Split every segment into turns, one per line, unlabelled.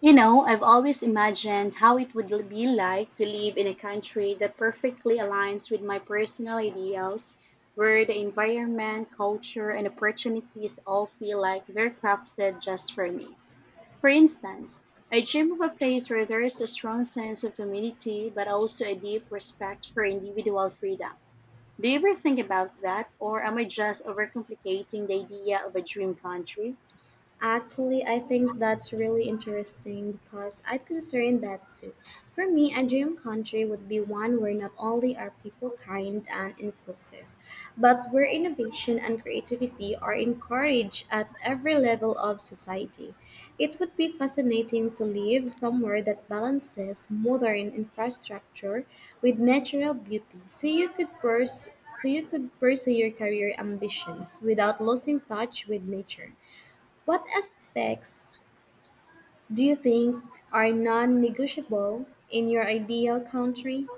I've always imagined how it would be like to live in a country that perfectly aligns with my personal ideals, where the environment, culture, and opportunities all feel like they're crafted just for me. For instance, I dream of a place where there is a strong sense of community, but also a deep respect for individual freedom. Do you ever think about that, or am I just overcomplicating the idea of a dream country?
Actually, I think that's really interesting because I am concerned that too. For me, a dream country would be one where not only are people kind and inclusive, but where innovation and creativity are encouraged at every level of society. It would be fascinating to live somewhere that balances modern infrastructure with natural beauty, so you could pursue your career ambitions without losing touch with nature. What aspects do you think are non negotiable in your ideal country?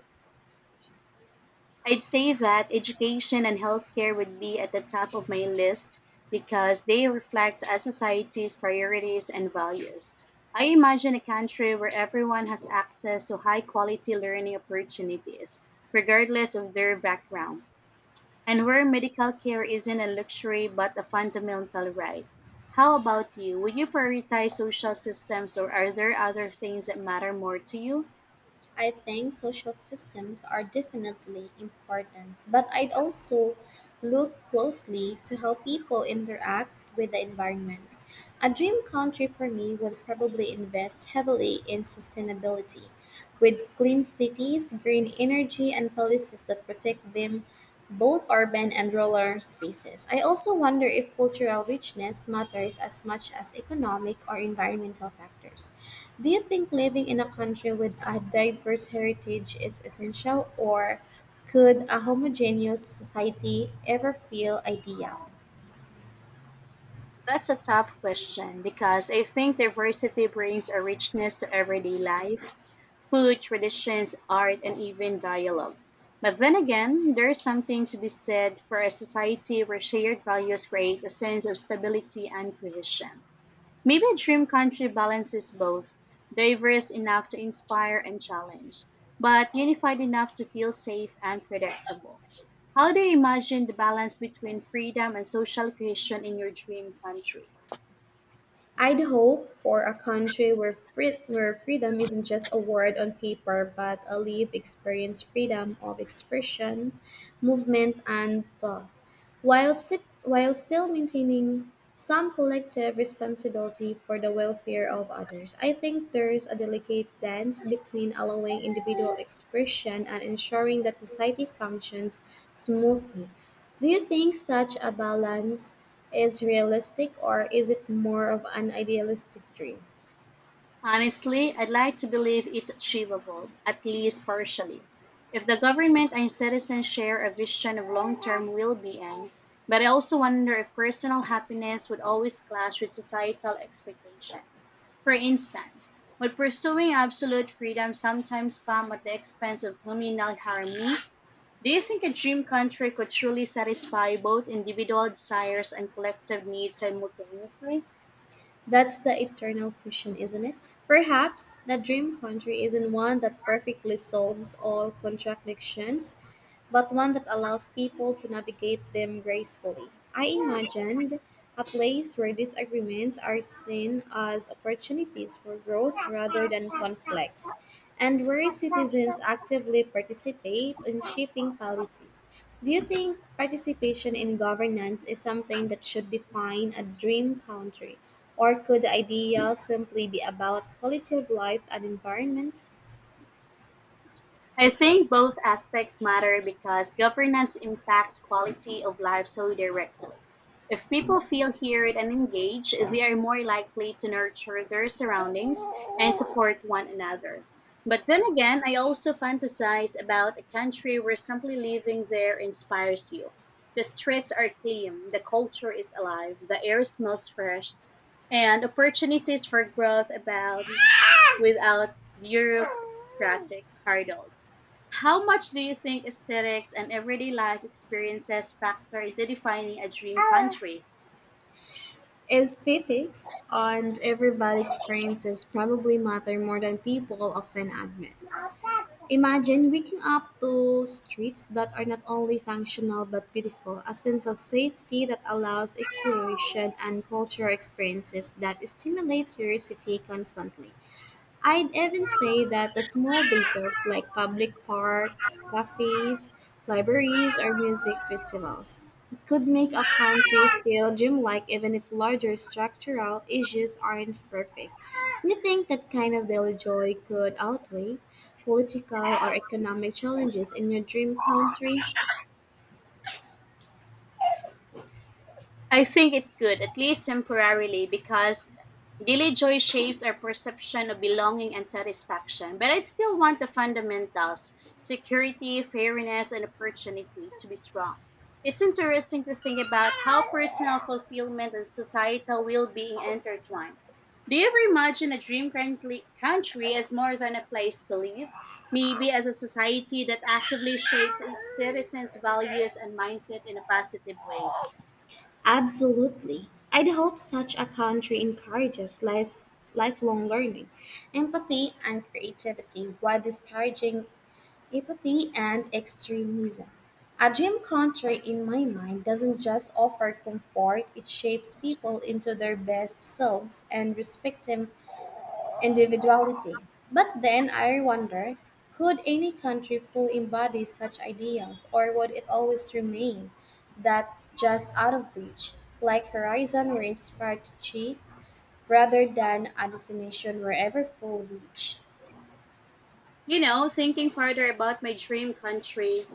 I'd say that education and healthcare would be at the top of my list because they reflect a society's priorities and values. I imagine a country where everyone has access to high quality learning opportunities, regardless of their background, and where medical care isn't a luxury but a fundamental right. How about you? Would you prioritize social systems or are there other things that matter more to you?
I think social systems are definitely important, but I'd also look closely to how people interact with the environment. A dream country for me would probably invest heavily in sustainability, with clean cities, green energy, and policies that protect them both urban and rural spaces. I also wonder if cultural richness matters as much as economic or environmental factors. Do you think living in a country with a diverse heritage is essential, or could a homogeneous society ever feel ideal?
That's a tough question because I think diversity brings a richness to everyday life, food, traditions, art, and even dialogue. But then again, there is something to be said for a society where shared values create a sense of stability and cohesion. Maybe a dream country balances both, diverse enough to inspire and challenge, but unified enough to feel safe and predictable. How do you imagine the balance between freedom and social cohesion in your dream country?
I'd hope for a country where freedom isn't just a word on paper, but a lived experience freedom of expression, movement, and thought. While while still maintaining some collective responsibility for the welfare of others. I think there's a delicate dance between allowing individual expression and ensuring that society functions smoothly. Do you think such a balance is realistic or is it more of an idealistic dream?
Honestly, I'd like to believe it's achievable, at least partially. If the government and citizens share a vision of long term well being, but I also wonder if personal happiness would always clash with societal expectations. For instance, would pursuing absolute freedom sometimes come at the expense of communal harmony? Do you think a dream country could truly satisfy both individual desires and collective needs simultaneously?
That's the eternal question, isn't it? Perhaps the dream country isn't one that perfectly solves all contradictions, but one that allows people to navigate them gracefully. I imagined a place where disagreements are seen as opportunities for growth rather than conflicts, and where citizens actively participate in shaping policies. Do you think participation in governance is something that should define a dream country, or could the ideal simply be about quality of life and environment?
I think both aspects matter because governance impacts quality of life so directly. If people feel heard and engaged, they are more likely to nurture their surroundings and support one another. But then again, I also fantasize about a country where simply living there inspires you. The streets are clean, the culture is alive, the air smells fresh, and opportunities for growth abound without bureaucratic hurdles. How much do you think aesthetics and everyday life experiences factor into defining a dream country?
Aesthetics and everybody experiences probably matter more than people often admit. Imagine waking up to streets that are not only functional but beautiful, a sense of safety that allows exploration and cultural experiences that stimulate curiosity constantly. I'd even say that the small details like public parks, cafes, libraries, or music festivals could make a country feel dreamlike even if larger structural issues aren't perfect. Do you think that kind of daily joy could outweigh political or economic challenges in your dream country?
I think it could, at least temporarily, because daily joy shapes our perception of belonging and satisfaction. But I'd still want the fundamentals security, fairness, and opportunity to be strong. It's interesting to think about how personal fulfillment and societal well being intertwine. Do you ever imagine a dream country as more than a place to live? Maybe as a society that actively shapes its citizens' values and mindset in a positive way.
Absolutely. I'd hope such a country encourages lifelong learning, empathy, and creativity while discouraging Empathy and extremism. A gym culture, in my mind, doesn't just offer comfort, it shapes people into their best selves and respecting individuality. But then I wonder could any country fully embody such ideals, or would it always remain that just out of reach, like Horizon, we're inspired to chase rather than a destination wherever full reach?
Thinking further about my dream country,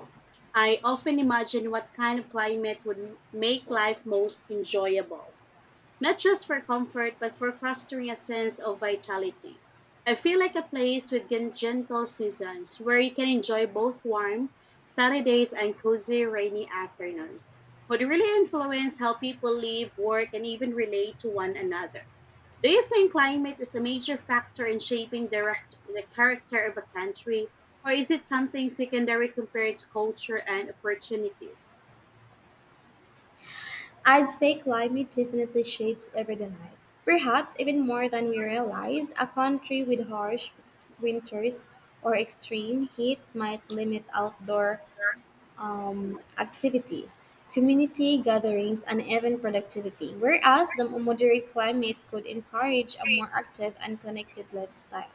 I often imagine what kind of climate would make life most enjoyable not just for comfort, but for fostering a sense of vitality. I feel like a place with gentle seasons where you can enjoy both warm Saturdays and cozy rainy afternoons, would really influence how people live, work, and even relate to one another. Do you think climate is a major factor in shaping the character of a country, or is it something secondary compared to culture and opportunities?
I'd say climate definitely shapes everyday life. Perhaps even more than we realize, a country with harsh winters or extreme heat might limit outdoor activities, community gatherings, and even productivity, whereas the moderate climate could encourage a more active and connected lifestyle.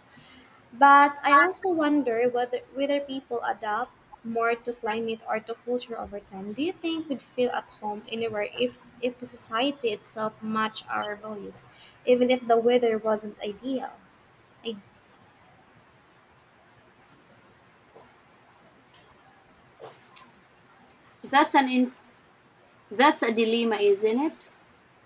But I also wonder whether people adapt more to climate or to culture over time. Do you think we'd feel at home anywhere if the society itself matched our values, even if the weather wasn't ideal?
That's an in, that's a dilemma, isn't it?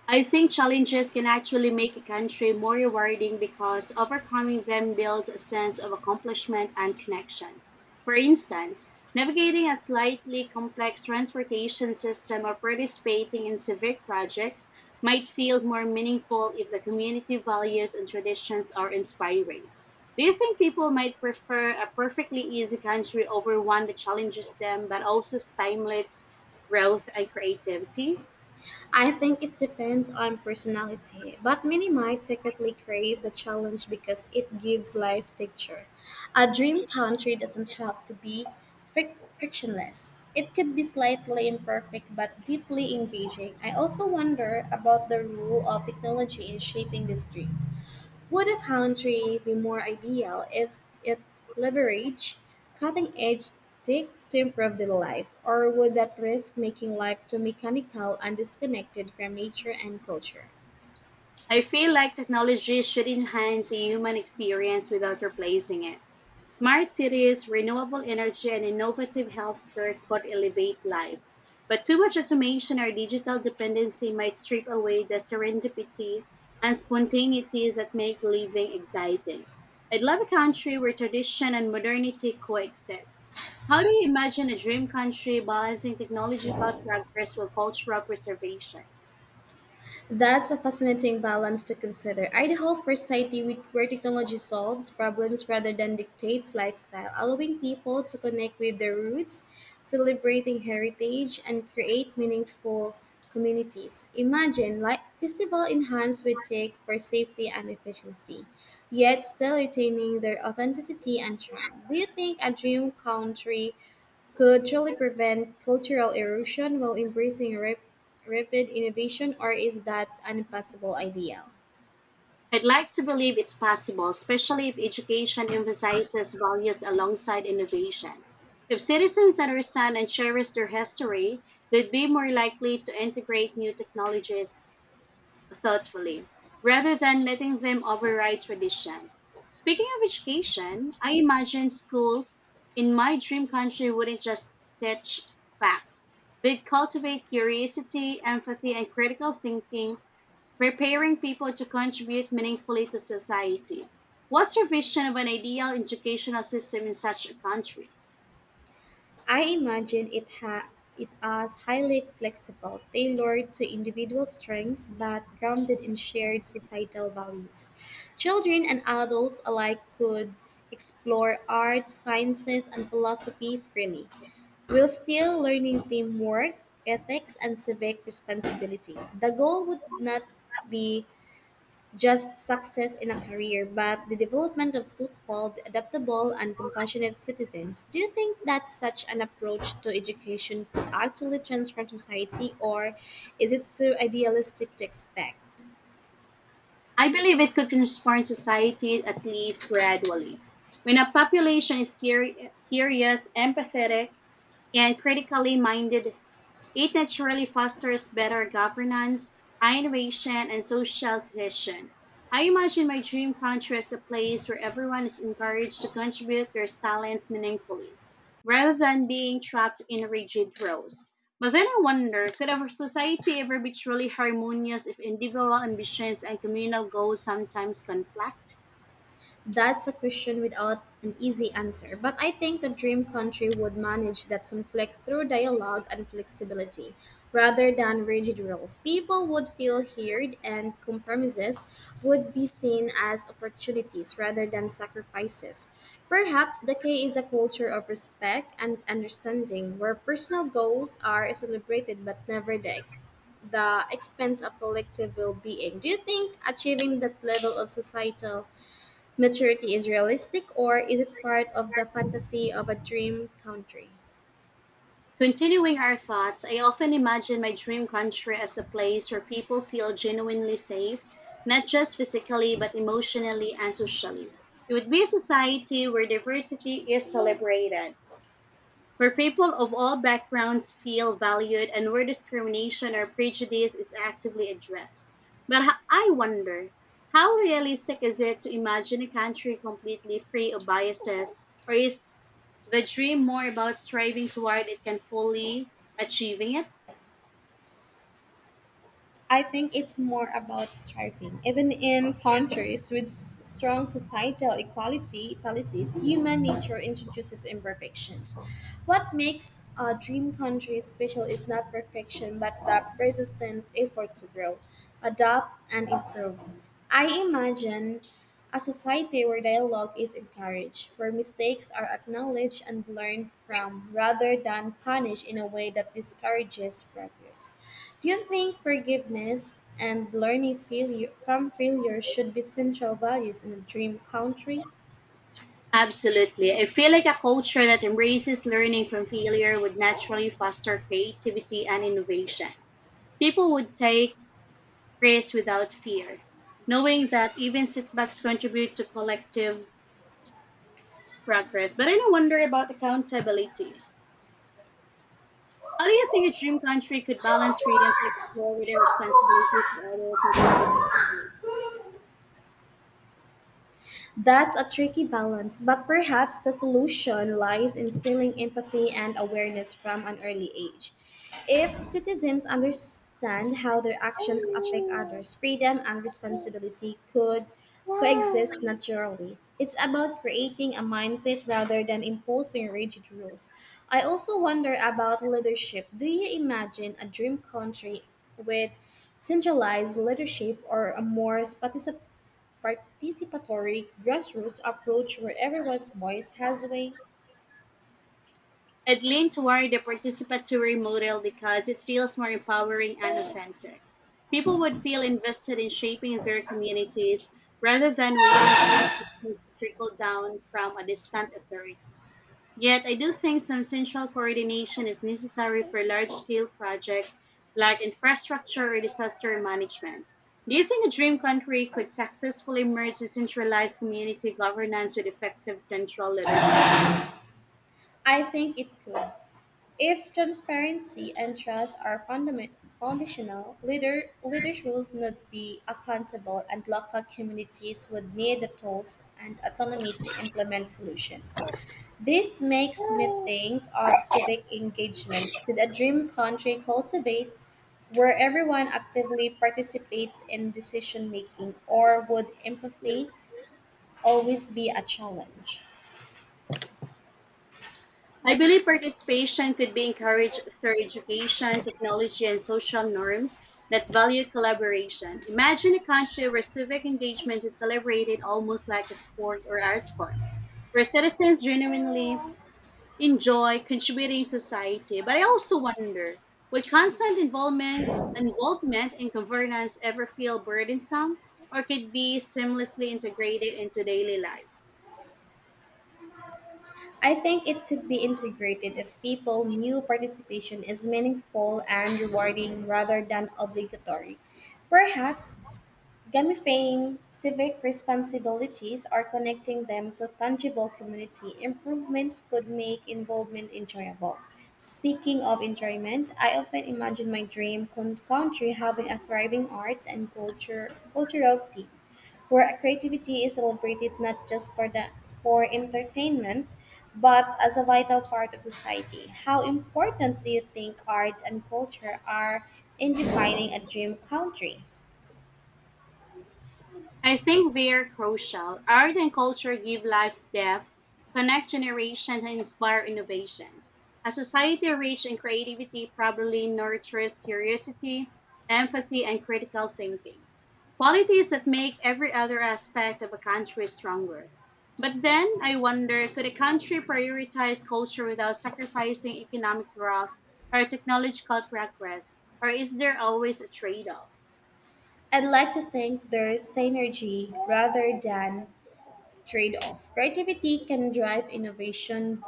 I think challenges can actually make a country more rewarding because overcoming them builds a sense of accomplishment and connection. For instance, navigating a slightly complex transportation system or participating in civic projects might feel more meaningful if the community values and traditions are inspiring. Do you think people might prefer a perfectly easy country over one that challenges them but also stimulates growth and creativity?
I think it depends on personality, but many might secretly crave the challenge because it gives life texture. A dream country doesn't have to be frictionless. It could be slightly imperfect but deeply engaging. I also wonder about the role of technology in shaping this dream. Would a country be more ideal if it leveraged cutting edge tech to improve their life, or would that risk making life too mechanical and disconnected from nature and culture?
I feel like technology should enhance the human experience without replacing it. Smart cities, renewable energy, and innovative healthcare could elevate life. But too much automation or digital dependency might strip away the serendipity and spontaneity that make living exciting. I'd love a country where tradition and modernity coexist. How do you imagine a dream country balancing technological progress with cultural preservation?
That's a fascinating balance to consider. I'd hope for a where technology solves problems rather than dictates lifestyle, allowing people to connect with their roots, celebrating heritage, and create meaningful communities. Imagine like festival enhanced with tech for safety and efficiency, yet still retaining their authenticity and charm. Do you think a dream country could truly prevent cultural erosion while embracing rapid innovation, or is that an impossible ideal?
I'd like to believe it's possible, especially if education emphasizes values alongside innovation. If citizens understand and cherish their history, they'd be more likely to integrate new technologies thoughtfully, rather than letting them override tradition. Speaking of education, I imagine schools in my dream country wouldn't just teach facts. They'd cultivate curiosity, empathy, and critical thinking preparing people to contribute meaningfully to society. What's your vision of an ideal educational system in such a country?
I imagine it as highly flexible, tailored to individual strengths, but grounded in shared societal values. Children and adults alike could explore art, sciences, and philosophy freely while still learning teamwork, ethics, and civic responsibility. The goal would not be just success in a career, but the development of thoughtful, adaptable, and compassionate citizens. Do you think that such an approach to education could actually transform society, or is it too idealistic to expect?
I believe it could transform society at least gradually. When a population is curious, empathetic, and critically minded, it naturally fosters better governance, innovation, and social cohesion. I imagine my dream country as a place where everyone is encouraged to contribute their talents meaningfully, rather than being trapped in rigid roles. But then I wonder could our society ever be truly harmonious if individual ambitions and communal goals sometimes conflict?
That's a question without an easy answer, but I think the dream country would manage that conflict through dialogue and flexibility rather than rigid rules. People would feel heard, and compromises would be seen as opportunities rather than sacrifices. Perhaps the key is a culture of respect and understanding where personal goals are celebrated but never the expense of collective well-being. Do you think achieving that level of societal Maturity is realistic or is it part of the fantasy of a dream country?
Continuing our thoughts, I often imagine my dream country as a place where people feel genuinely safe, not just physically, but emotionally and socially. It would be a society where diversity is celebrated, where people of all backgrounds feel valued and where discrimination or prejudice is actively addressed. I wonder, how realistic is it to imagine a country completely free of biases, or is the dream more about striving toward it can fully achieving it?
I think it's more about striving. Even in countries with strong societal equality policies, human nature introduces imperfections. What makes a dream country special is not perfection, but the persistent effort to grow, adopt, and improve. I imagine a society where dialogue is encouraged, where mistakes are acknowledged and learned from rather than punished in a way that discourages progress. Do you think forgiveness and learning failure from failure should be central values in a dream country?
Absolutely. I feel like a culture that embraces learning from failure would naturally foster creativity and innovation. People would take praise without fear, knowing that even setbacks contribute to collective progress. But I now wonder about accountability. How do you think a dream country could balance freedom to explore with a responsibility to other society?
That's a tricky balance, but perhaps the solution lies in instilling empathy and awareness from an early age. If citizens understand how their actions affect others, freedom and responsibility could coexist naturally. It's about creating a mindset rather than imposing rigid rules. I also wonder about leadership. Do you imagine a dream country with centralized leadership or a more participatory grassroots approach where everyone's voice has a weight?
I'd lean toward the participatory model because it feels more empowering and authentic. People would feel invested in shaping their communities rather than waiting for information to trickle down from a distant authority. Yet I do think some central coordination is necessary for large-scale projects like infrastructure or disaster management. Do you think a dream country could successfully merge decentralized community governance with effective central leadership?
I think it could. If transparency and trust are fundament foundational, leaders will not be accountable and local communities would need the tools and autonomy to implement solutions. This makes me think of civic engagement. Could a dream country cultivate where everyone actively participates in decision making, or would empathy always be a challenge.
I believe participation could be encouraged through education, technology, and social norms that value collaboration. Imagine a country where civic engagement is celebrated almost like a sport or art form, where citizens genuinely enjoy contributing to society. But I also wonder, would constant involvement in governance ever feel burdensome or could be seamlessly integrated into daily life?
I think it could be integrated if people knew participation is meaningful and rewarding rather than obligatory. Perhaps Gamifying civic responsibilities or connecting them to tangible community improvements could make involvement enjoyable. Speaking of enjoyment, I often imagine my country having a thriving arts and culture cultural scene where creativity is celebrated not just for entertainment but as a vital part of society. How important do you think arts and culture are in defining a dream country?
I think they're crucial. Art and culture give life depth, connect generations, and inspire innovations. A society rich in creativity probably nurtures curiosity, empathy, and critical thinking. Qualities that make every other aspect of a country stronger. But then I wonder could a country prioritize culture without sacrificing economic growth or technological progress? Or is there always a trade off?
I'd like to think there's synergy rather than trade off. Creativity can drive innovation,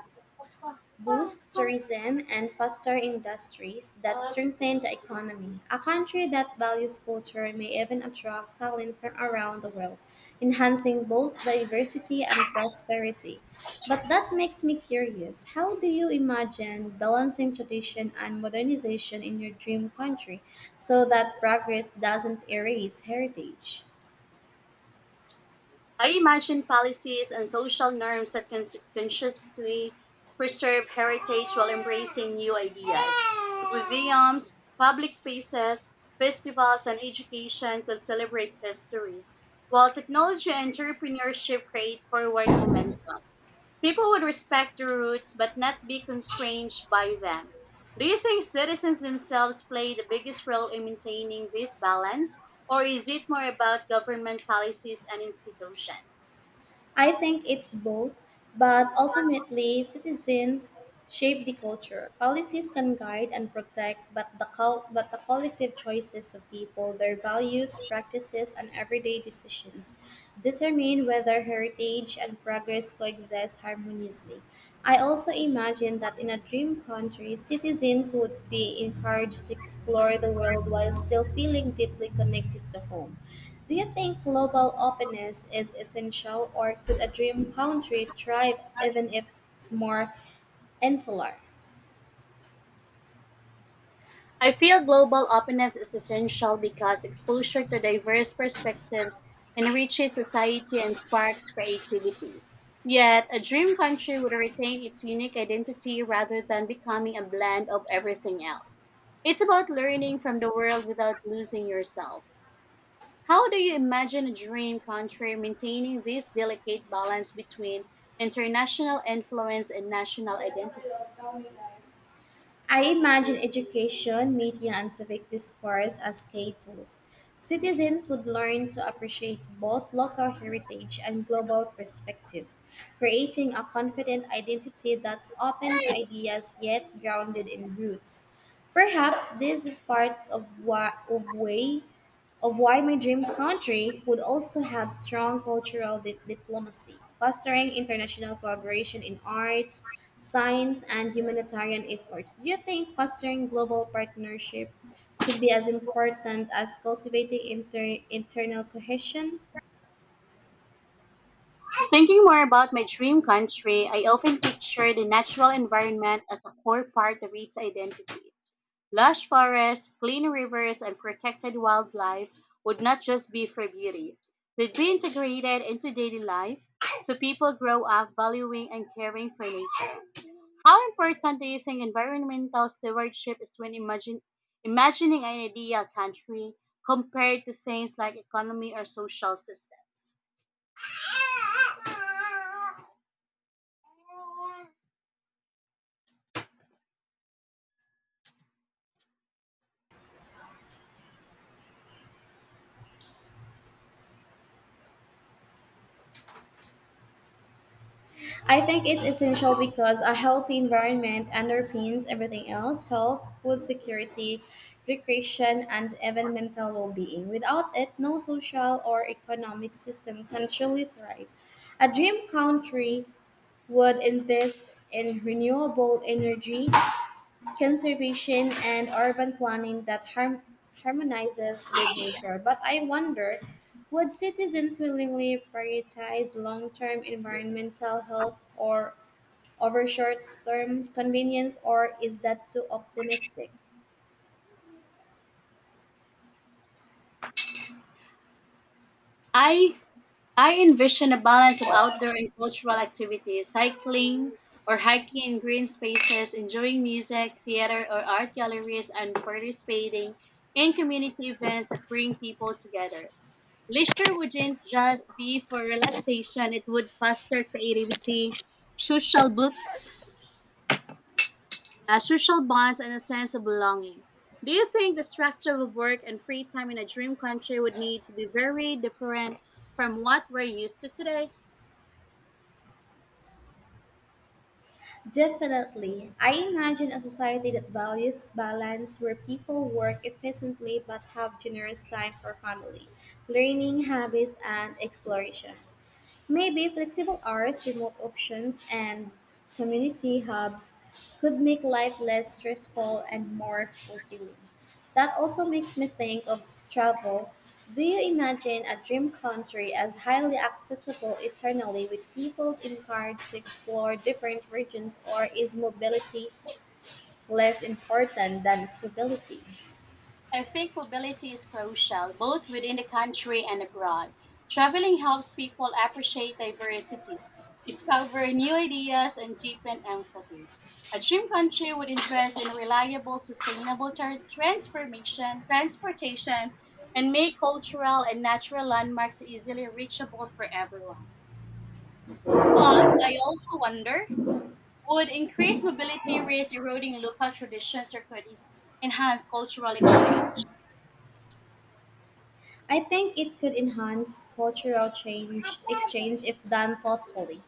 boost tourism, and foster industries that strengthen the economy. A country that values culture may even attract talent from around the world, enhancing both diversity and prosperity. But that makes me curious how do you imagine balancing tradition and modernization in your dream country so that progress doesn't erase heritage?
I imagine policies and social norms that consciously preserve heritage while embracing new ideas. Museums, public spaces, festivals, and education could celebrate history, while technology and entrepreneurship create forward momentum. People would respect the roots but not be constrained by them. Do you think citizens themselves play the biggest role in maintaining this balance, or is it more about government policies and institutions?
I think it's both, but ultimately, citizens shape the culture. Policies can guide and protect, but but the collective choices of people, their values, practices, and everyday decisions determine whether heritage and progress coexist harmoniously. I also imagine that in a dream country, citizens would be encouraged to explore the world while still feeling deeply connected to home. Do you think global openness is essential, or could a dream country thrive even if it's more insular?
I feel global openness is essential because exposure to diverse perspectives enriches society and sparks creativity. Yet, a dream country would retain its unique identity rather than becoming a blend of everything else. It's about learning from the world without losing yourself. How do you imagine a dream country maintaining this delicate balance between international influence and national identity?
I imagine education, media, and civic discourse as key tools. Citizens would learn to appreciate both local heritage and global perspectives, creating a confident identity that's open to ideas yet grounded in roots. Perhaps this is part of, wha- of way of why my dream country would also have strong diplomacy, fostering international collaboration in arts, science, and humanitarian efforts. Do you think fostering global partnership could be as important as cultivating internal cohesion?
Thinking more about my dream country, I often picture the natural environment as a core part of its identity. Lush forests, clean rivers, and protected wildlife would not just be for beauty. They'd be integrated into daily life so people grow up valuing and caring for nature. How important do you think environmental stewardship is when imagining an ideal country compared to things like economy or social systems?
I think it's essential because a healthy environment underpins everything else health, food security, recreation, and even mental well being. Without it, no social or economic system can truly thrive. A dream country would invest in renewable energy, conservation, and urban planning that harmonizes with nature. But I wonder would citizens willingly prioritize long term environmental health or over short term convenience, or is that too optimistic?
I I envision a balance of outdoor and cultural activities, cycling or hiking in green spaces, enjoying music, theater or art galleries, and participating in community events that bring people together. Leisure wouldn't just be for relaxation, it would foster creativity, social books, social bonds, and a sense of belonging. Do you think the structure of work and free time in a dream country would need to be very different from what we're used to today?
Definitely. I imagine a society that values balance where people work efficiently but have generous time for family, learning habits, and exploration. Maybe flexible hours, remote options, and community hubs could make life less stressful and more fulfilling. That also makes me think of travel. Do you imagine a dream country as highly accessible eternally with people encouraged to explore different regions, or is mobility less important than stability?
I think mobility is crucial, both within the country and abroad. Traveling helps people appreciate diversity, discover new ideas, and deepen empathy. A dream country would invest in reliable, sustainable transportation, and make cultural and natural landmarks easily reachable for everyone. But I also wonder would increased mobility risk eroding local traditions or could it enhance cultural exchange?
I think it could enhance cultural change exchange if done thoughtfully.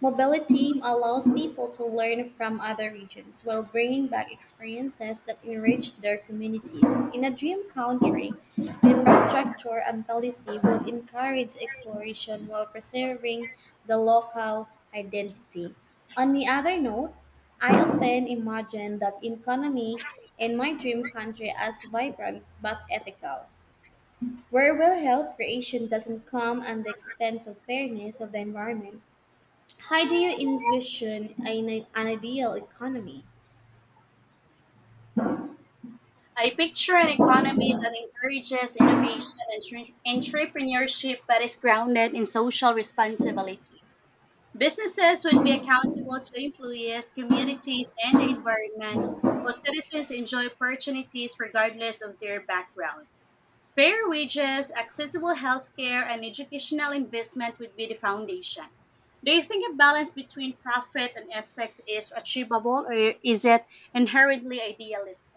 Mobility allows people to learn from other regions while bringing back experiences that enrich their communities. In a dream country, infrastructure and policy would encourage exploration while preserving the local identity. On the other note, I often imagine that economy in my dream country as vibrant but ethical, where real health creation doesn't come at the expense of fairness of the environment. How do you envision an ideal economy?
I picture an economy that encourages innovation and entrepreneurship but is grounded in social responsibility. Businesses would be accountable to employees, communities, and the environment, while citizens enjoy opportunities regardless of their background. Fair wages, accessible healthcare, and educational investment would be the foundation. Do you think a balance between profit and ethics is achievable, or is it inherently idealistic?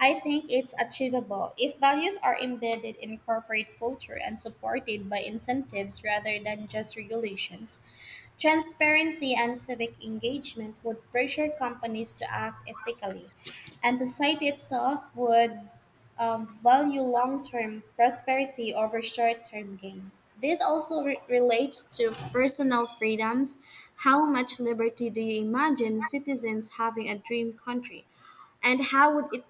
I think it's achievable if values are embedded in corporate culture and supported by incentives rather than just regulations. Transparency and civic engagement would pressure companies to act ethically, and the site itself would value long term prosperity over short term gain. This also relates to personal freedoms. How much liberty do you imagine citizens having a dream country? And how would it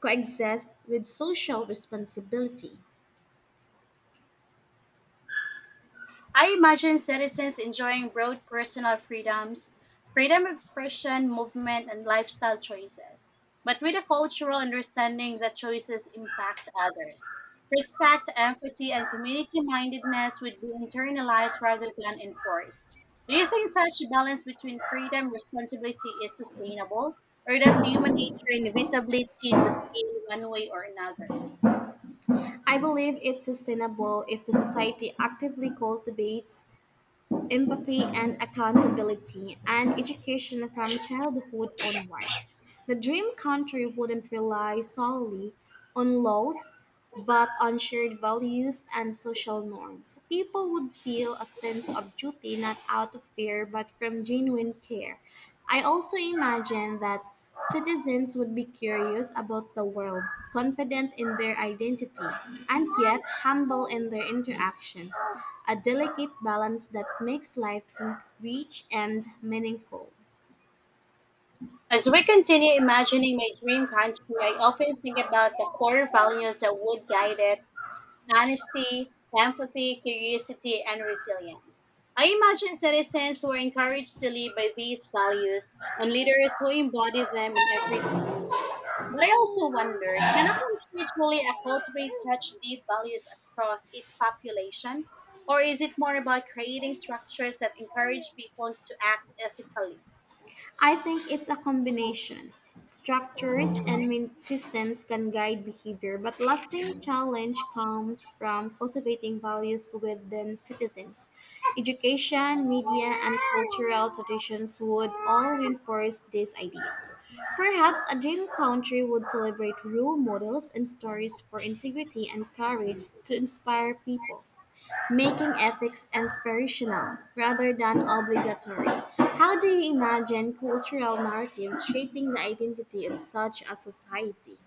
coexist with social responsibility.
I imagine citizens enjoying broad personal freedoms, freedom of expression, movement, and lifestyle choices, but with a cultural understanding that choices impact others. Respect, empathy, and community mindedness would be internalized rather than enforced. Do you think such a balance between freedom and responsibility is sustainable, or does human nature inevitably tip the scale one way or another?
I believe it's sustainable if the society actively cultivates empathy and accountability and education from childhood onward. The dream country wouldn't rely solely on laws, but on shared values and social norms. People would feel a sense of duty not out of fear but from genuine care. I also imagine that citizens would be curious about the world, confident in their identity, and yet humble in their interactions. A delicate balance that makes life rich and meaningful.
As we continue imagining my dream country, I often think about the core values that would guide it honesty, empathy, curiosity, and resilience. I imagine citizens who are encouraged to live by these values and leaders who embody them in every decision. But I also wonder can a country truly cultivate such deep values across its population? Or is it more about creating structures that encourage people to act ethically?
I think it's a combination. Structures and systems can guide behavior, but lasting challenge comes from cultivating values within citizens. Education, media, and cultural traditions would all reinforce these ideas. Perhaps a dream country would celebrate role models and stories for integrity and courage to inspire people making ethics inspirational rather than obligatory. How do you imagine cultural narratives shaping the identity of such a society?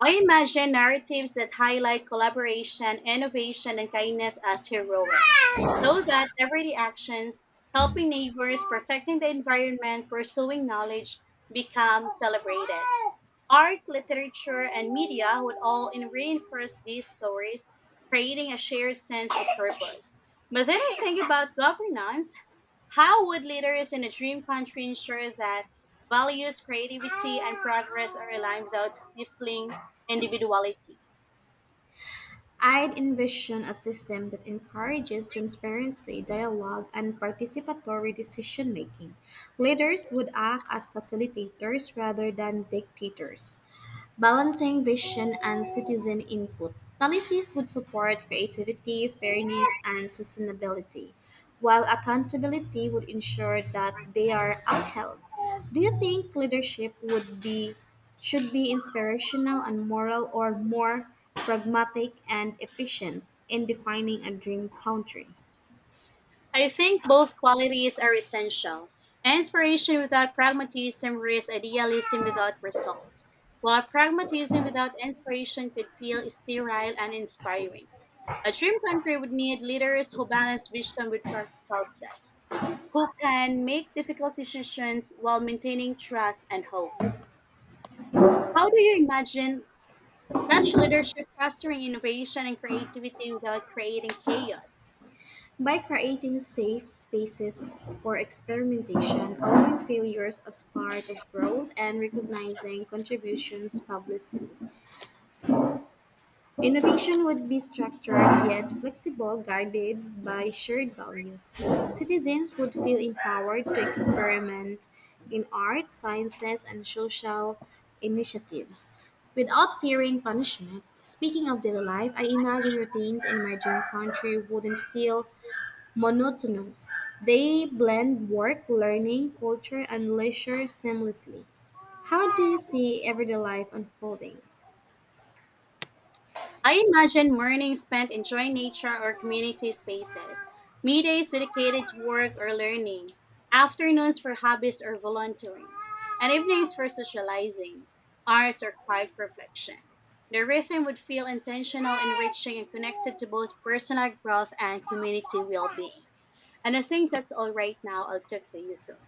I imagine narratives that highlight collaboration, innovation, and kindness as heroic, so that everyday actions, helping neighbors, protecting the environment, pursuing knowledge, become celebrated. Art, literature, and media would all reinforce these stories, creating a shared sense of purpose. But then I think about governance. How would leaders in a dream country ensure that values, creativity, and progress are aligned without stifling individuality?
I'd envision a system that encourages transparency, dialogue, and participatory decision making. Leaders would act as facilitators rather than dictators. Balancing vision and citizen input. Policies would support creativity, fairness, and sustainability, while accountability would ensure that they are upheld. Do you think leadership would be should be inspirational and moral or more pragmatic and efficient in defining a dream country?
I think both qualities are essential. Inspiration without pragmatism risks idealism without results, while pragmatism without inspiration could feel sterile and uninspiring. A dream country would need leaders who balance vision with practical steps, who can make difficult decisions while maintaining trust and hope. How do you imagine such leadership fostering innovation and creativity without creating chaos?
By creating safe spaces for experimentation, allowing failures as part of growth, and recognizing contributions publicly, innovation would be structured yet flexible, guided by shared values. Citizens would feel empowered to experiment in arts, sciences, and social initiatives without fearing punishment. Speaking of daily life, I imagine routines in my dream country wouldn't feel monotonous. They blend work, learning, culture, and leisure seamlessly. How do you see everyday life unfolding?
I imagine mornings spent enjoying nature or community spaces, middays dedicated to work or learning, afternoons for hobbies or volunteering, and evenings for socializing, arts, or quiet reflection. The rhythm would feel intentional, enriching, and connected to both personal growth and community well being. And I think that's all right now. I'll talk to you soon.